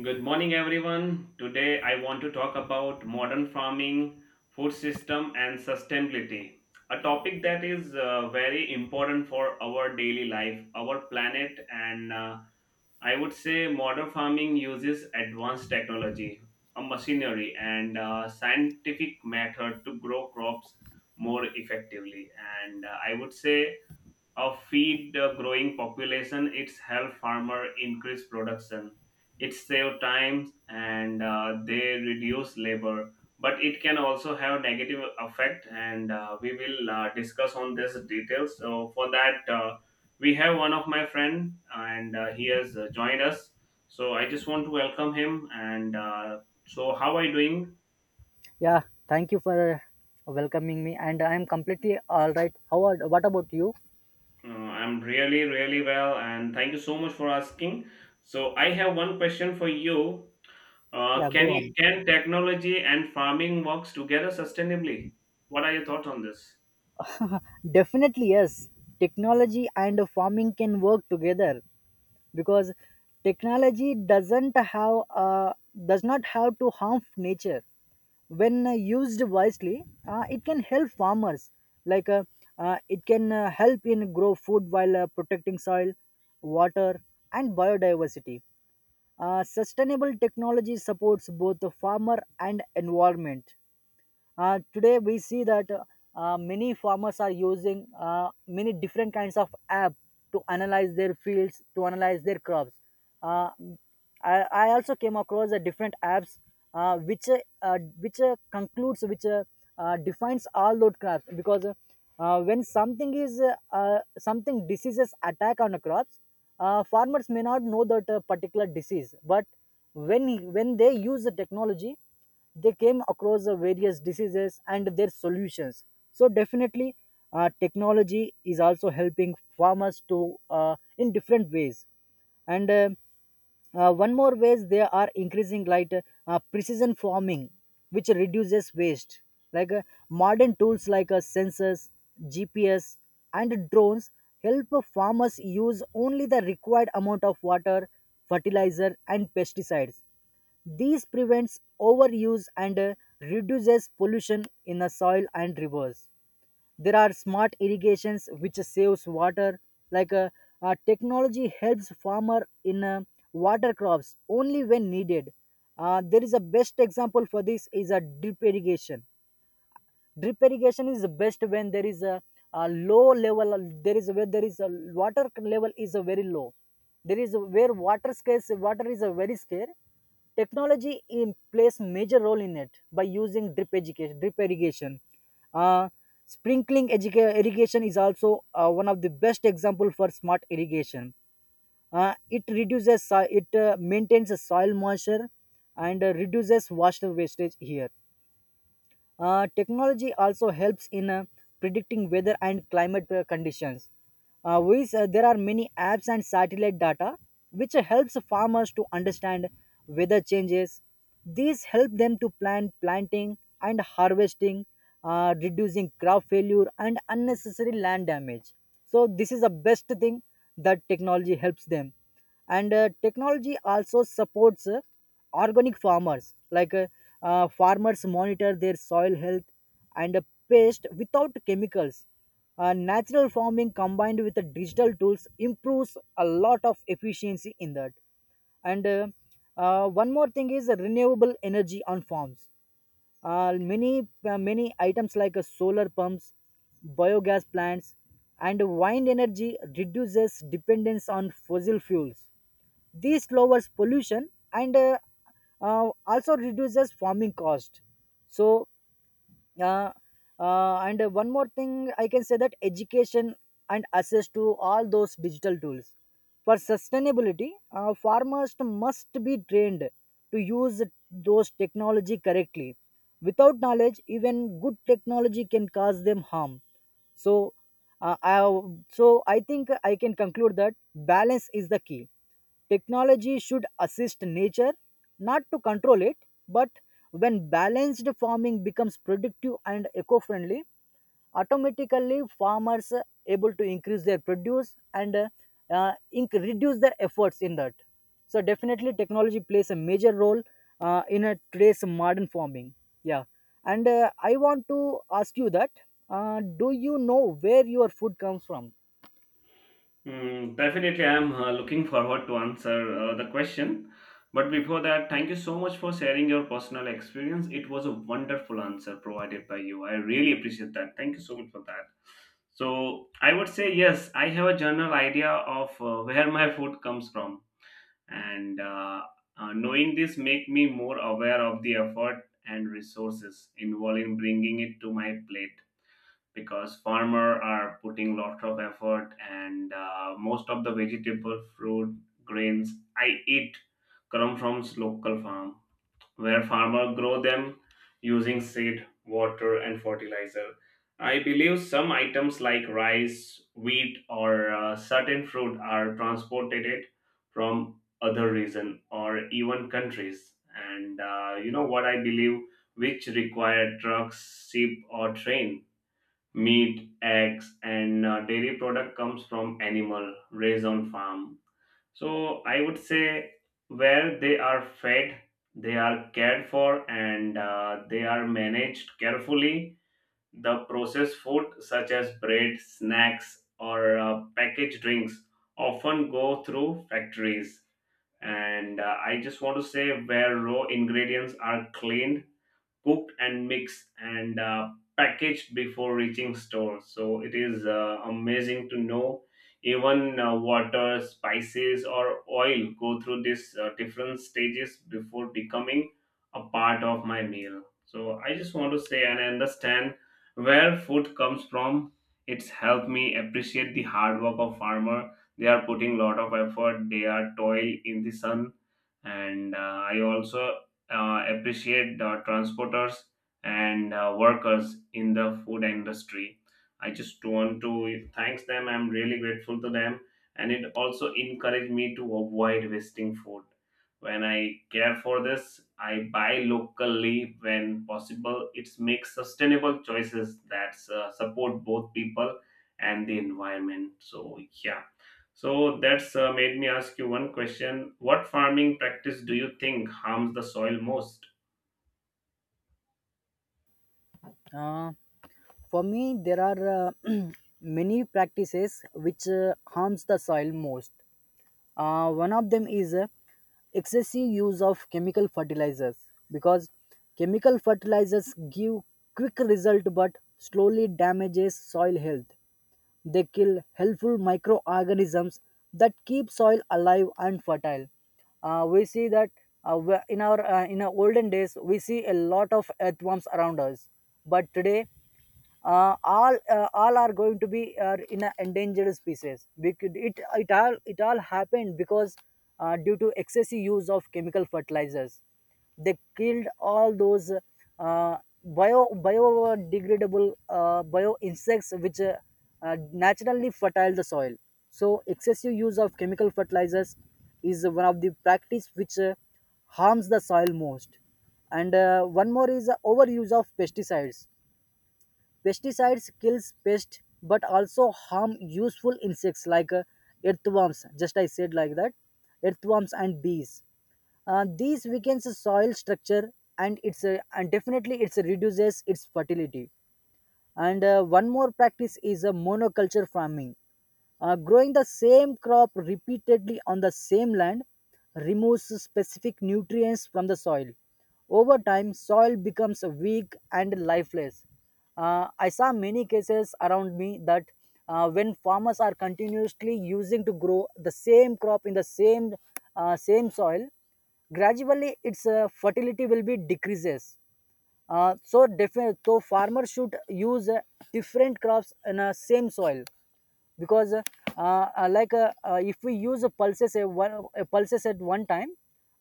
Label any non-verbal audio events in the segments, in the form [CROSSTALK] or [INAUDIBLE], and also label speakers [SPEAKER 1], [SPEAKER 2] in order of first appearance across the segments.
[SPEAKER 1] Good morning, everyone. Today I want to talk about modern farming, food system, and sustainability. A topic that is very important for our daily life, our planet, and I would say modern farming uses advanced technology, a machinery, and scientific method to grow crops more effectively. And I would say feed the growing population. It's help farmer increase production. It save time and they reduce labor. But it can also have negative effect, and we will discuss on this details. So for that, we have one of my friend, and he has joined us. So I just want to welcome him. And so, how are you doing?
[SPEAKER 2] Yeah, thank you for welcoming me, and I am completely all right. How are, what about you?
[SPEAKER 1] I'm really, really well, and thank you so much for asking. So, I have one question for you.
[SPEAKER 2] Yeah, go on.
[SPEAKER 1] Can technology and farming works together sustainably? What are your thoughts on this?
[SPEAKER 2] Definitely, yes. Technology and farming can work together because technology doesn't have does not have to harm nature. When used wisely, it can help farmers. Like uh, it can help in grow food while protecting soil, water, and biodiversity. Sustainable technology supports both the farmer and environment. Today we see that many farmers are using many different kinds of app to analyze their fields, to analyze their crops. Uh, I also came across a different apps which concludes which defines all those crops because when something is something diseases attack on the crops, farmers may not know that particular disease, but when they use the technology, they came across the various diseases and their solutions. So definitely technology is also helping farmers to in different ways, and one more ways they are increasing, like precision farming which reduces waste. like uh, Modern tools like sensors, gps, and drones help farmers use only the required amount of water, fertilizer, and pesticides. This prevents overuse and reduces pollution in the soil and rivers. There are smart irrigations which saves water. Like uh, Technology helps farmer in water crops only when needed. There is a best example for this is a drip irrigation. Drip irrigation is the best when there is a low level, there is where there is a water level is a very low, there is a, where water scarce, water is a very scarce. Technology in plays major role in it by using drip education drip irrigation. uh, Sprinkling educa- irrigation is also one of the best example for smart irrigation. It reduces so- it maintains the soil moisture and reduces water wastage here. Technology also helps in predicting weather and climate conditions. There are many apps and satellite data which helps farmers to understand weather changes. These help them to plan planting and harvesting, reducing crop failure and unnecessary land damage. So this is the best thing that technology helps them, and technology also supports organic farmers. Farmers monitor their soil health and pest without chemicals. Natural farming combined with the digital tools improves a lot of efficiency in that, and one more thing is renewable energy on farms. Many items like solar pumps, biogas plants, and wind energy reduces dependence on fossil fuels. This lowers pollution and also reduces farming cost. So uh, uh, and uh, one more thing I can say that education and access to all those digital tools for sustainability, farmers must be trained to use those technology correctly. Without knowledge even good technology can cause them harm. So uh, I, so I think I can conclude that balance is the key. Technology should assist nature, not to control it, but when balanced farming becomes productive and eco-friendly, automatically farmers are able to increase their produce and reduce their efforts in that. So definitely technology plays a major role in a today's modern farming. Yeah. And I want to ask you that do you know where your food comes from?
[SPEAKER 1] Hmm, definitely, I'm looking forward to answer the question. But before that, thank you so much for sharing your personal experience. It was a wonderful answer provided by you. I really appreciate that. Thank you so much for that. So I would say yes, I have a general idea of where my food comes from, and knowing this make me more aware of the effort and resources involved in bringing it to my plate, because farmer are putting lot of effort and most of the vegetable fruit grains I eat come from local farm where farmers grow them using seed, water, and fertilizer. I believe some items like rice, wheat, or certain fruit are transported it from other region or even countries. And you know what I believe, which require trucks, ship, or train. Meat, eggs, and dairy product comes from animal raised on farm. So I would say where they are fed, they are cared for, and they are managed carefully. The processed food, such as bread, snacks, or packaged drinks, often go through factories. And I just want to say where raw ingredients are cleaned, cooked and mixed, and packaged before reaching stores. So it is amazing to know even water, spices, or oil go through these different stages before becoming a part of my meal. So I just want to say and understand where food comes from. It's helped me appreciate the hard work of farmer. They are putting lot of effort. They are toil in the sun, and I also appreciate the transporters and workers in the food industry. I just want to thanks them. I'm really grateful to them, and it also encouraged me to avoid wasting food. When I care for this, I buy locally when possible. It makes sustainable choices that support both people and the environment. So yeah, so that's made me ask you one question. What farming practice do you think harms the soil most?
[SPEAKER 2] Uh, For me, there are [CLEARS THROAT] many practices which harms the soil most. One of them is excessive use of chemical fertilizers, because chemical fertilizers give quick result but slowly damages soil health. They kill helpful microorganisms that keep soil alive and fertile. We see that in our olden days we see a lot of earthworms around us, but today all are going to be in a endangered species, because it all happened because due to excessive use of chemical fertilizers. They killed all those uh, bio biodegradable bio insects which uh, naturally fertile the soil. So excessive use of chemical fertilizers is one of the practice which harms the soil most, and one more is the overuse of pesticides. Pesticides kills pests but also harm useful insects like earthworms. Just I said like that, earthworms and bees. These weakens the soil structure and it's a, and definitely it's reduces its fertility, and one more practice is a monoculture farming. Growing the same crop repeatedly on the same land removes specific nutrients from the soil. Over time, soil becomes weak and lifeless. I saw many cases around me that when farmers are continuously using to grow the same crop in the same same soil, gradually its fertility will be decreases. So definitely, so farmer should use different crops in a same soil, because if we use a pulses a one a pulses at one time,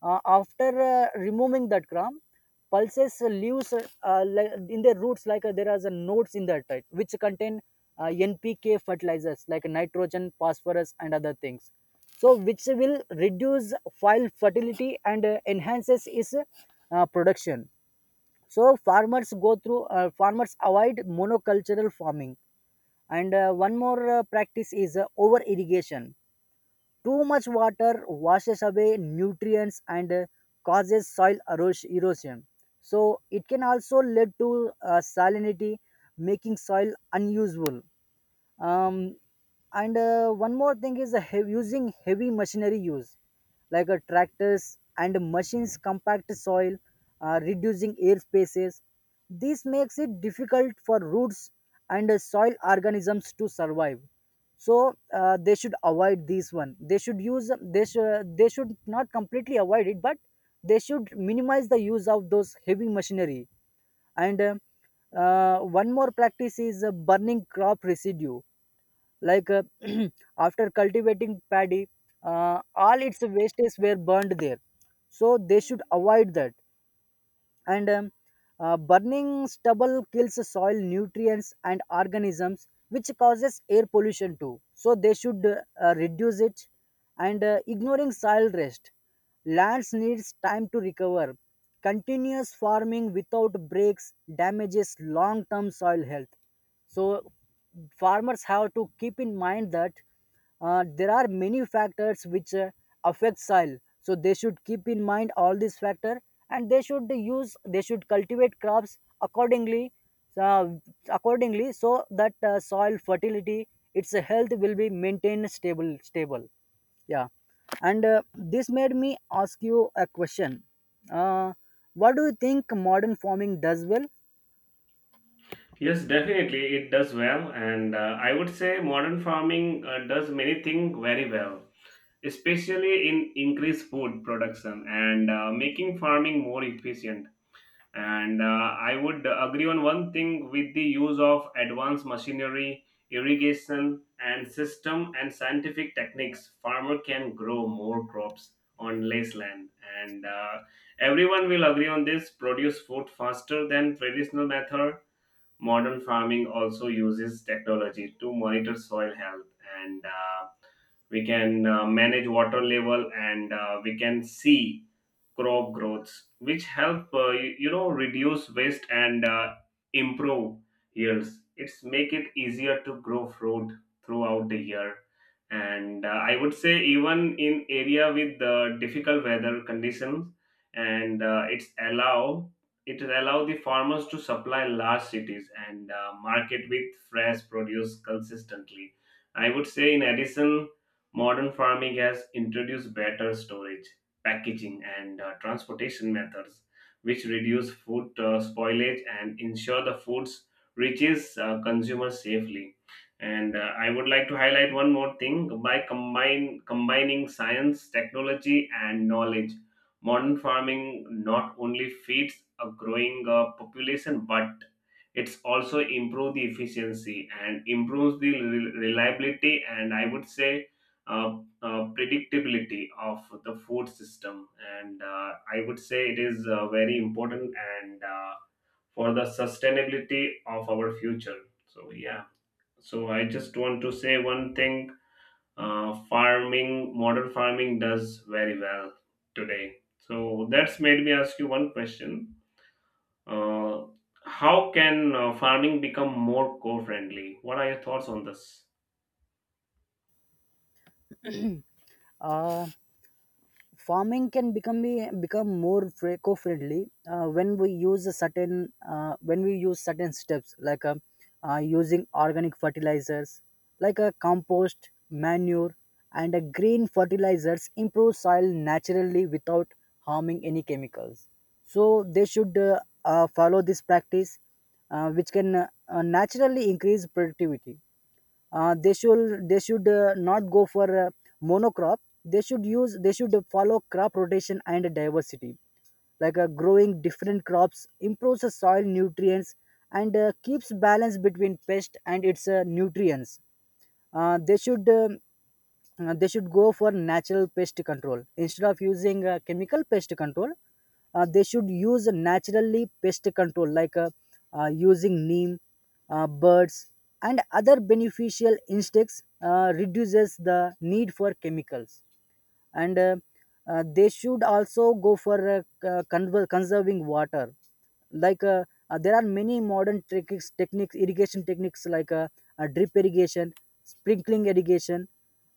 [SPEAKER 2] after removing that crop, pulses leaves like in their roots like there are the nodes in that right which contain NPK fertilizers like nitrogen, phosphorus, and other things. So which will reduce soil fertility and enhances its production. So farmers go through farmers avoid monocultural farming, and one more practice is over irrigation. Too much water washes away nutrients and causes soil eros- erosion. So it can also lead to salinity, making soil unusable. Um, and One more thing is a heavy, using heavy machinery use like a tractors and machines compact soil, reducing air spaces. This makes it difficult for roots and soil organisms to survive. So they should avoid this one, they should use they should not completely avoid it, but they should minimize the use of those heavy machinery, and one more practice is burning crop residue. like uh, [CLEARS THROAT] after cultivating paddy, all its wastes were burned there. So they should avoid that. And Burning stubble kills the soil nutrients and organisms, which causes air pollution too. So they should reduce it. And ignoring soil rest, lands needs time to recover. Continuous farming without breaks damages long-term soil health. So farmers have to keep in mind that there are many factors which affect soil. So they should keep in mind all these factor, and they should use they should cultivate crops accordingly uh, accordingly, so that soil fertility, its health will be maintained stable. Yeah. And this made me ask you a question. uh, what do you think modern farming does well?
[SPEAKER 1] Yes, definitely it does well, and I would say modern farming does many things very well, especially in increased food production and making farming more efficient. And I would agree on one thing with the use of advanced machinery, irrigation, and system and scientific techniques. Farmer can grow more crops on less land, and everyone will agree on this. Produce food faster than traditional method. Modern farming also uses technology to monitor soil health and we can manage water level and we can see crop growths, which help you, you know, reduce waste and improve yields. It's make it easier to grow fruit throughout the year. And I would say even in area with difficult weather conditions, and it allow the farmers to supply large cities and market with fresh produce consistently. I would say in addition, modern farming has introduced better storage, packaging, and transportation methods, which reduce food spoilage and ensure the foods reaches consumers safely. And I would like to highlight one more thing: by combine combining science, technology, and knowledge. Modern farming not only feeds a growing population but it's also improve the efficiency and improves the reliability and I would say predictability of the food system, and I would say it is very important and for the sustainability of our future. So yeah, so I just want to say one thing: farming modern farming does very well today. So that's made me ask you one question. uh, how can farming become more co-friendly? What are your thoughts on this?
[SPEAKER 2] uh, Farming can become be become more fr- eco-friendly when we use a certain when we use certain steps, like using organic fertilizers like a compost manure and a green fertilizers improve soil naturally without harming any chemicals. So they should follow this practice which can naturally increase productivity. They should not go for monocrop. They should use they should follow crop rotation and diversity, like growing different crops improves the soil nutrients and keeps balance between pest and its nutrients. uh, they should um they should go for natural pest control instead of using chemical pest control. They should use naturally pest control like using neem, birds, and other beneficial insects reduces the need for chemicals, and they should also go for conserving water. like uh, there are many modern techniques irrigation techniques like drip irrigation, sprinkling irrigation,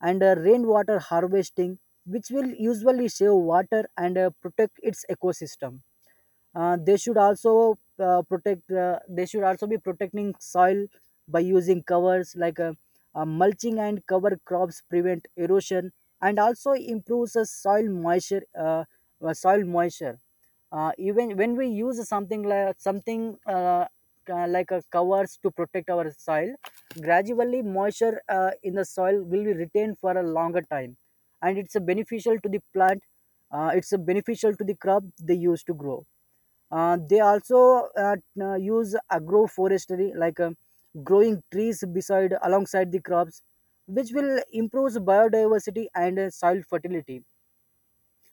[SPEAKER 2] and rainwater harvesting, which will usually save water and protect its ecosystem. They should also protect, they should also be protecting soil by using covers like mulching and cover crops prevent erosion and also improves the soil moisture, soil moisture. Even when we use something like a covers to protect our soil, gradually moisture in the soil will be retained for a longer time, and it's a beneficial to the plant. It's a beneficial to the crop they use to grow. They also use agroforestry, like growing trees beside alongside the crops, which will improve biodiversity and soil fertility.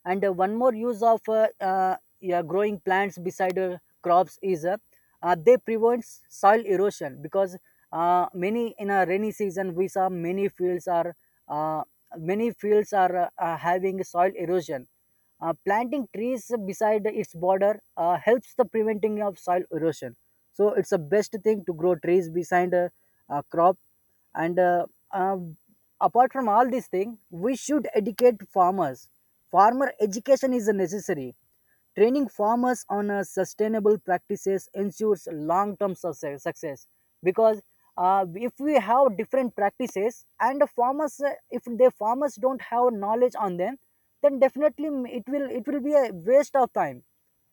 [SPEAKER 2] And one more use of yeah, growing plants beside crops is they prevent soil erosion, because many in a rainy season we saw uh, many fields are having soil erosion. Planting trees beside its border helps the preventing of soil erosion. So it's the best thing to grow trees beside a crop. And Apart from all these things, we should educate farmers. Farmer education is necessary. Training farmers on sustainable practices ensures long term success, because if we have different practices and the farmers if the farmers don't have knowledge on them, then definitely, it will be a waste of time.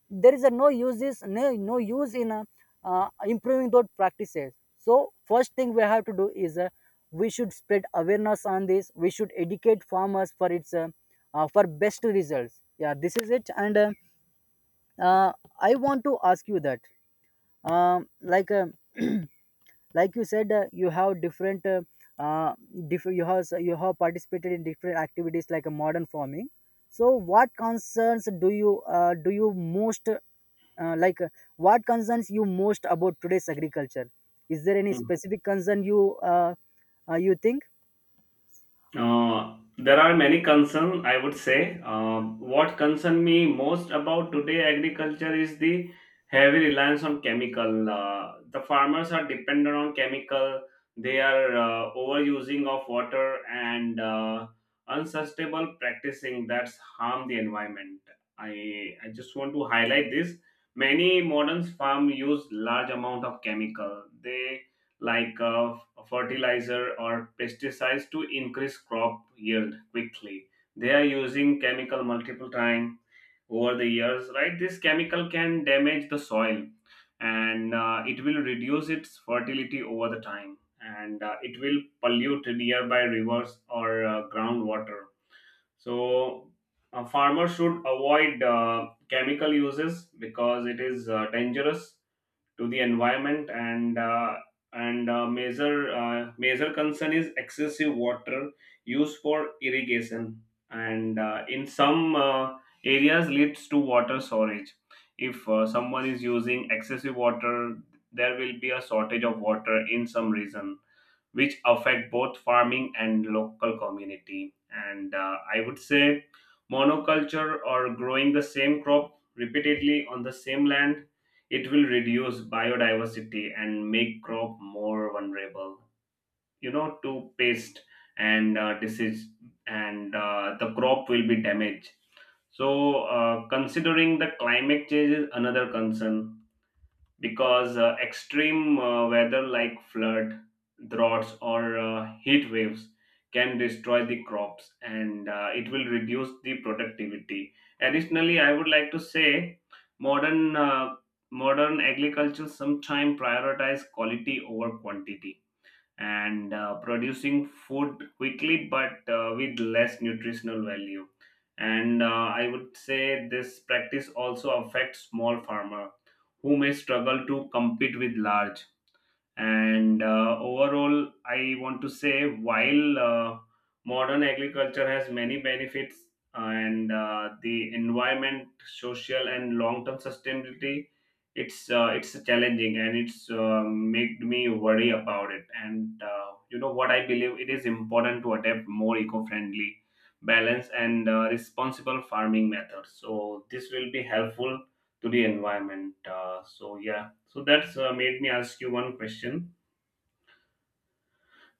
[SPEAKER 2] There is a no use in improving those practices. So first thing we have to do is we should spread awareness on this. We should educate farmers for its for best results. Yeah, this is it. And uh, I want to ask you that, um, like, um [CLEARS THROAT] like you said, you have uh, you have participated in different activities like a modern farming. So, what concerns do you most like? What concerns you most about today's agriculture? Is there any specific concern you think?
[SPEAKER 1] There are many concern, I would say. What concern me most about today agriculture is the heavy reliance on chemical. The farmers are dependent on chemical. They are overusing of water and unsustainable practicing that's harm the environment. I just want to highlight this. Many modern farm use large amount of chemical. They like Fertilizer or pesticides to increase crop yield quickly. They are using chemical multiple time over the years, right? This chemical can damage the soil and it will reduce its fertility over the time and it will pollute nearby rivers or groundwater. So, farmers should avoid chemical uses because it is dangerous to the environment, and major concern is excessive water used for irrigation and in some areas leads to water shortage. If someone is using excessive water, there will be a shortage of water in some region, which affect both farming and local community. And I would say monoculture or growing the same crop repeatedly on the same land, it will reduce biodiversity and make crop more vulnerable, you know, to pest and disease, and the crop will be damaged. So considering the climate change is another concern, because extreme weather like flood, droughts, or heat waves can destroy the crops and it will reduce the productivity. Additionally, I would like to say modern uh, modern agriculture sometimes prioritize quality over quantity and producing food quickly but with less nutritional value, and I would say this practice also affects small farmer who may struggle to compete with large. And overall, I want to say while modern agriculture has many benefits and the environment, social, and long-term sustainability, it's challenging and it's made me worry about it. And you know what I believe it is important to adapt more eco-friendly, balanced, and responsible farming methods. So this will be helpful to the environment. So yeah. So that's made me ask you one question.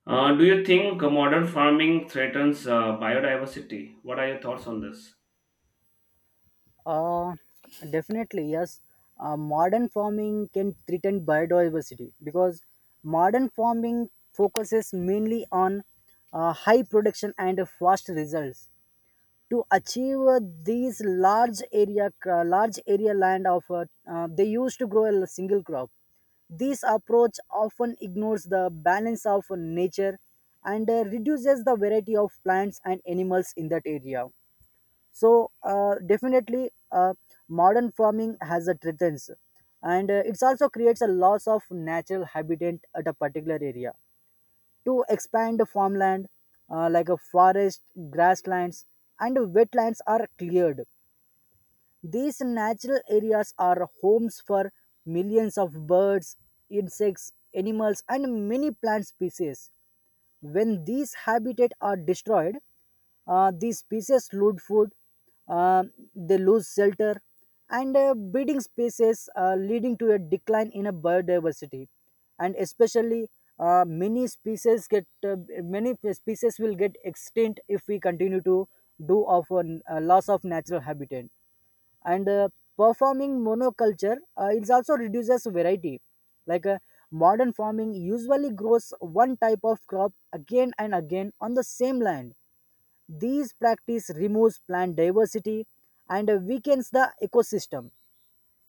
[SPEAKER 1] Do you think modern farming threatens biodiversity? What are your thoughts on this?
[SPEAKER 2] Uh, Definitely, yes. Modern farming can threaten biodiversity because modern farming focuses mainly on high production and fast results. To achieve large area land of, they used to grow a single crop. This approach often ignores the balance of nature and reduces the variety of plants and animals in that area. So definitely, modern farming has a threats, and it also creates a loss of natural habitat at a particular area to expand the farmland, like a forest, grasslands and wetlands are cleared. These natural areas are homes for millions of birds, insects, animals and many plant species. When these habitats are destroyed, these species lose food, uh, they lose shelter, and breeding spaces, leading to a decline in a biodiversity. And especially, uh, many species get uh, many species will get extinct if we continue to do of a loss of natural habitat, and performing monoculture, it also reduces variety. Like modern farming usually grows one type of crop again and again on the same land. These practice removes plant diversity and weakens the ecosystem.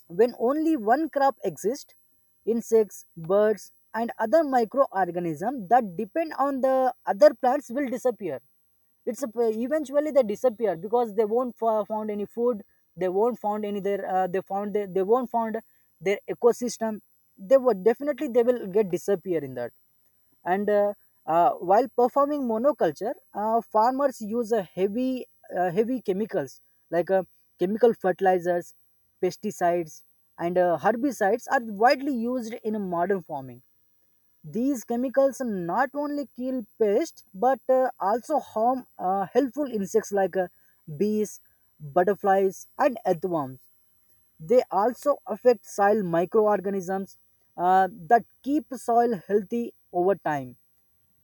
[SPEAKER 2] When only one crop exists, insects, birds, and other microorganisms that depend on the other plants will disappear. Eventually they disappear because they won't found any food. They won't found any their they found their, they won't found their ecosystem. They would definitely they will get disappear in that. And While performing monoculture, farmers use a heavy heavy chemicals like chemical fertilizers, pesticides and herbicides are widely used in modern farming. These chemicals not only kill pests but also harm helpful insects like bees, butterflies and earthworms. They also affect soil microorganisms that keep soil healthy. Over time,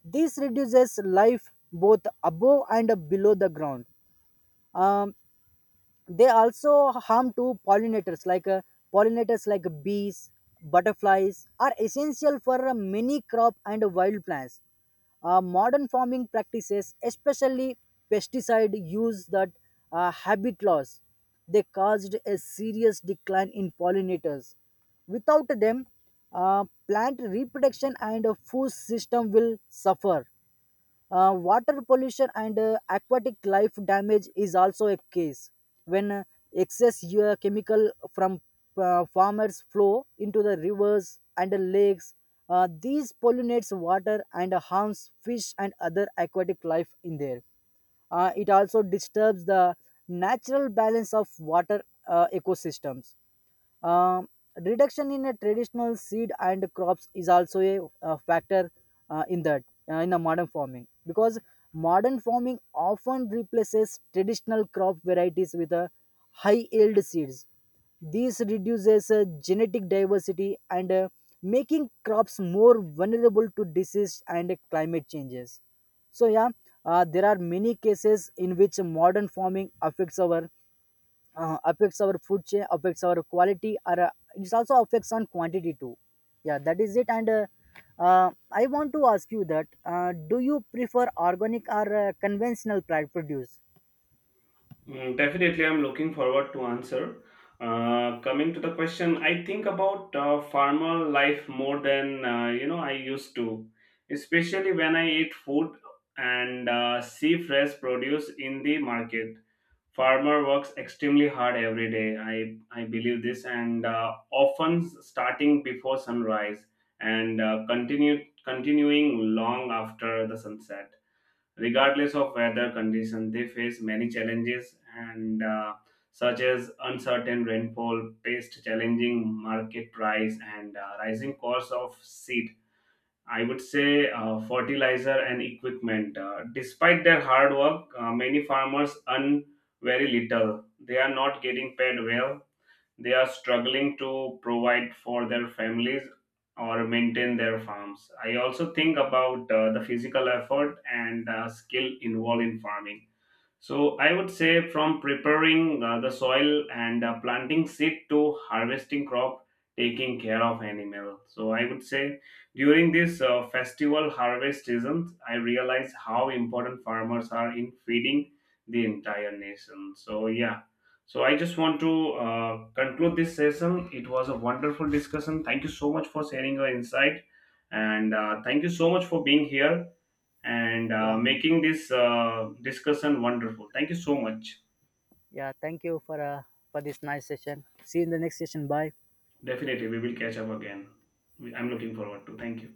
[SPEAKER 2] this reduces life both above and below the ground. Um, they also harm to pollinators like bees, butterflies, are essential for many crop and wild plants. Modern farming practices, especially pesticide use, that habit loss, they caused a serious decline in pollinators. Without them, plant reproduction and food system will suffer. Water pollution and aquatic life damage is also a case when excess chemical from farmers flow into the rivers and the lakes. These pollinates water and harms fish and other aquatic life in there. It also disturbs the natural balance of water ecosystems. um, Reduction in a traditional seed and crops is also a factor uh, in that in a modern farming, because modern farming often replaces traditional crop varieties with a high yield seeds. This reduces genetic diversity and making crops more vulnerable to disease and climate changes. So yeah, there are many cases in which modern farming affects our food chain, affects our quality, or it also affects on quantity too. Yeah, that is it. And I want to ask you that, do you prefer organic or conventional produce?
[SPEAKER 1] Mm, definitely, I'm looking forward to answer. Coming to the question, I think about farmer life more than you know I used to, especially when I eat food and see fresh produce in the market. Farmer works extremely hard every day. I believe this, and often starting before sunrise and continue continuing long after the sunset, regardless of weather condition. They face many challenges and such as uncertain rainfall, pest challenging, market price, and rising cost of seed, I would say fertilizer and equipment. Despite their hard work, many farmers earn very little. They are not getting paid well. They are struggling to provide for their families or maintain their farms. I also think about the physical effort and skill involved in farming. So I would say from preparing the soil and planting seed to harvesting crop, taking care of animal. So I would say during this festival harvest season, I realize how important farmers are in feeding the entire nation. So yeah. So I just want to conclude this session. It was a wonderful discussion. Thank you so much for sharing your insight, and thank you so much for being here and
[SPEAKER 2] Yeah.
[SPEAKER 1] making this discussion wonderful. Thank you so much.
[SPEAKER 2] Yeah, thank you for this nice session. See you in the next session. Bye.
[SPEAKER 1] Definitely, we will catch up again. I'm looking forward to. Thank you.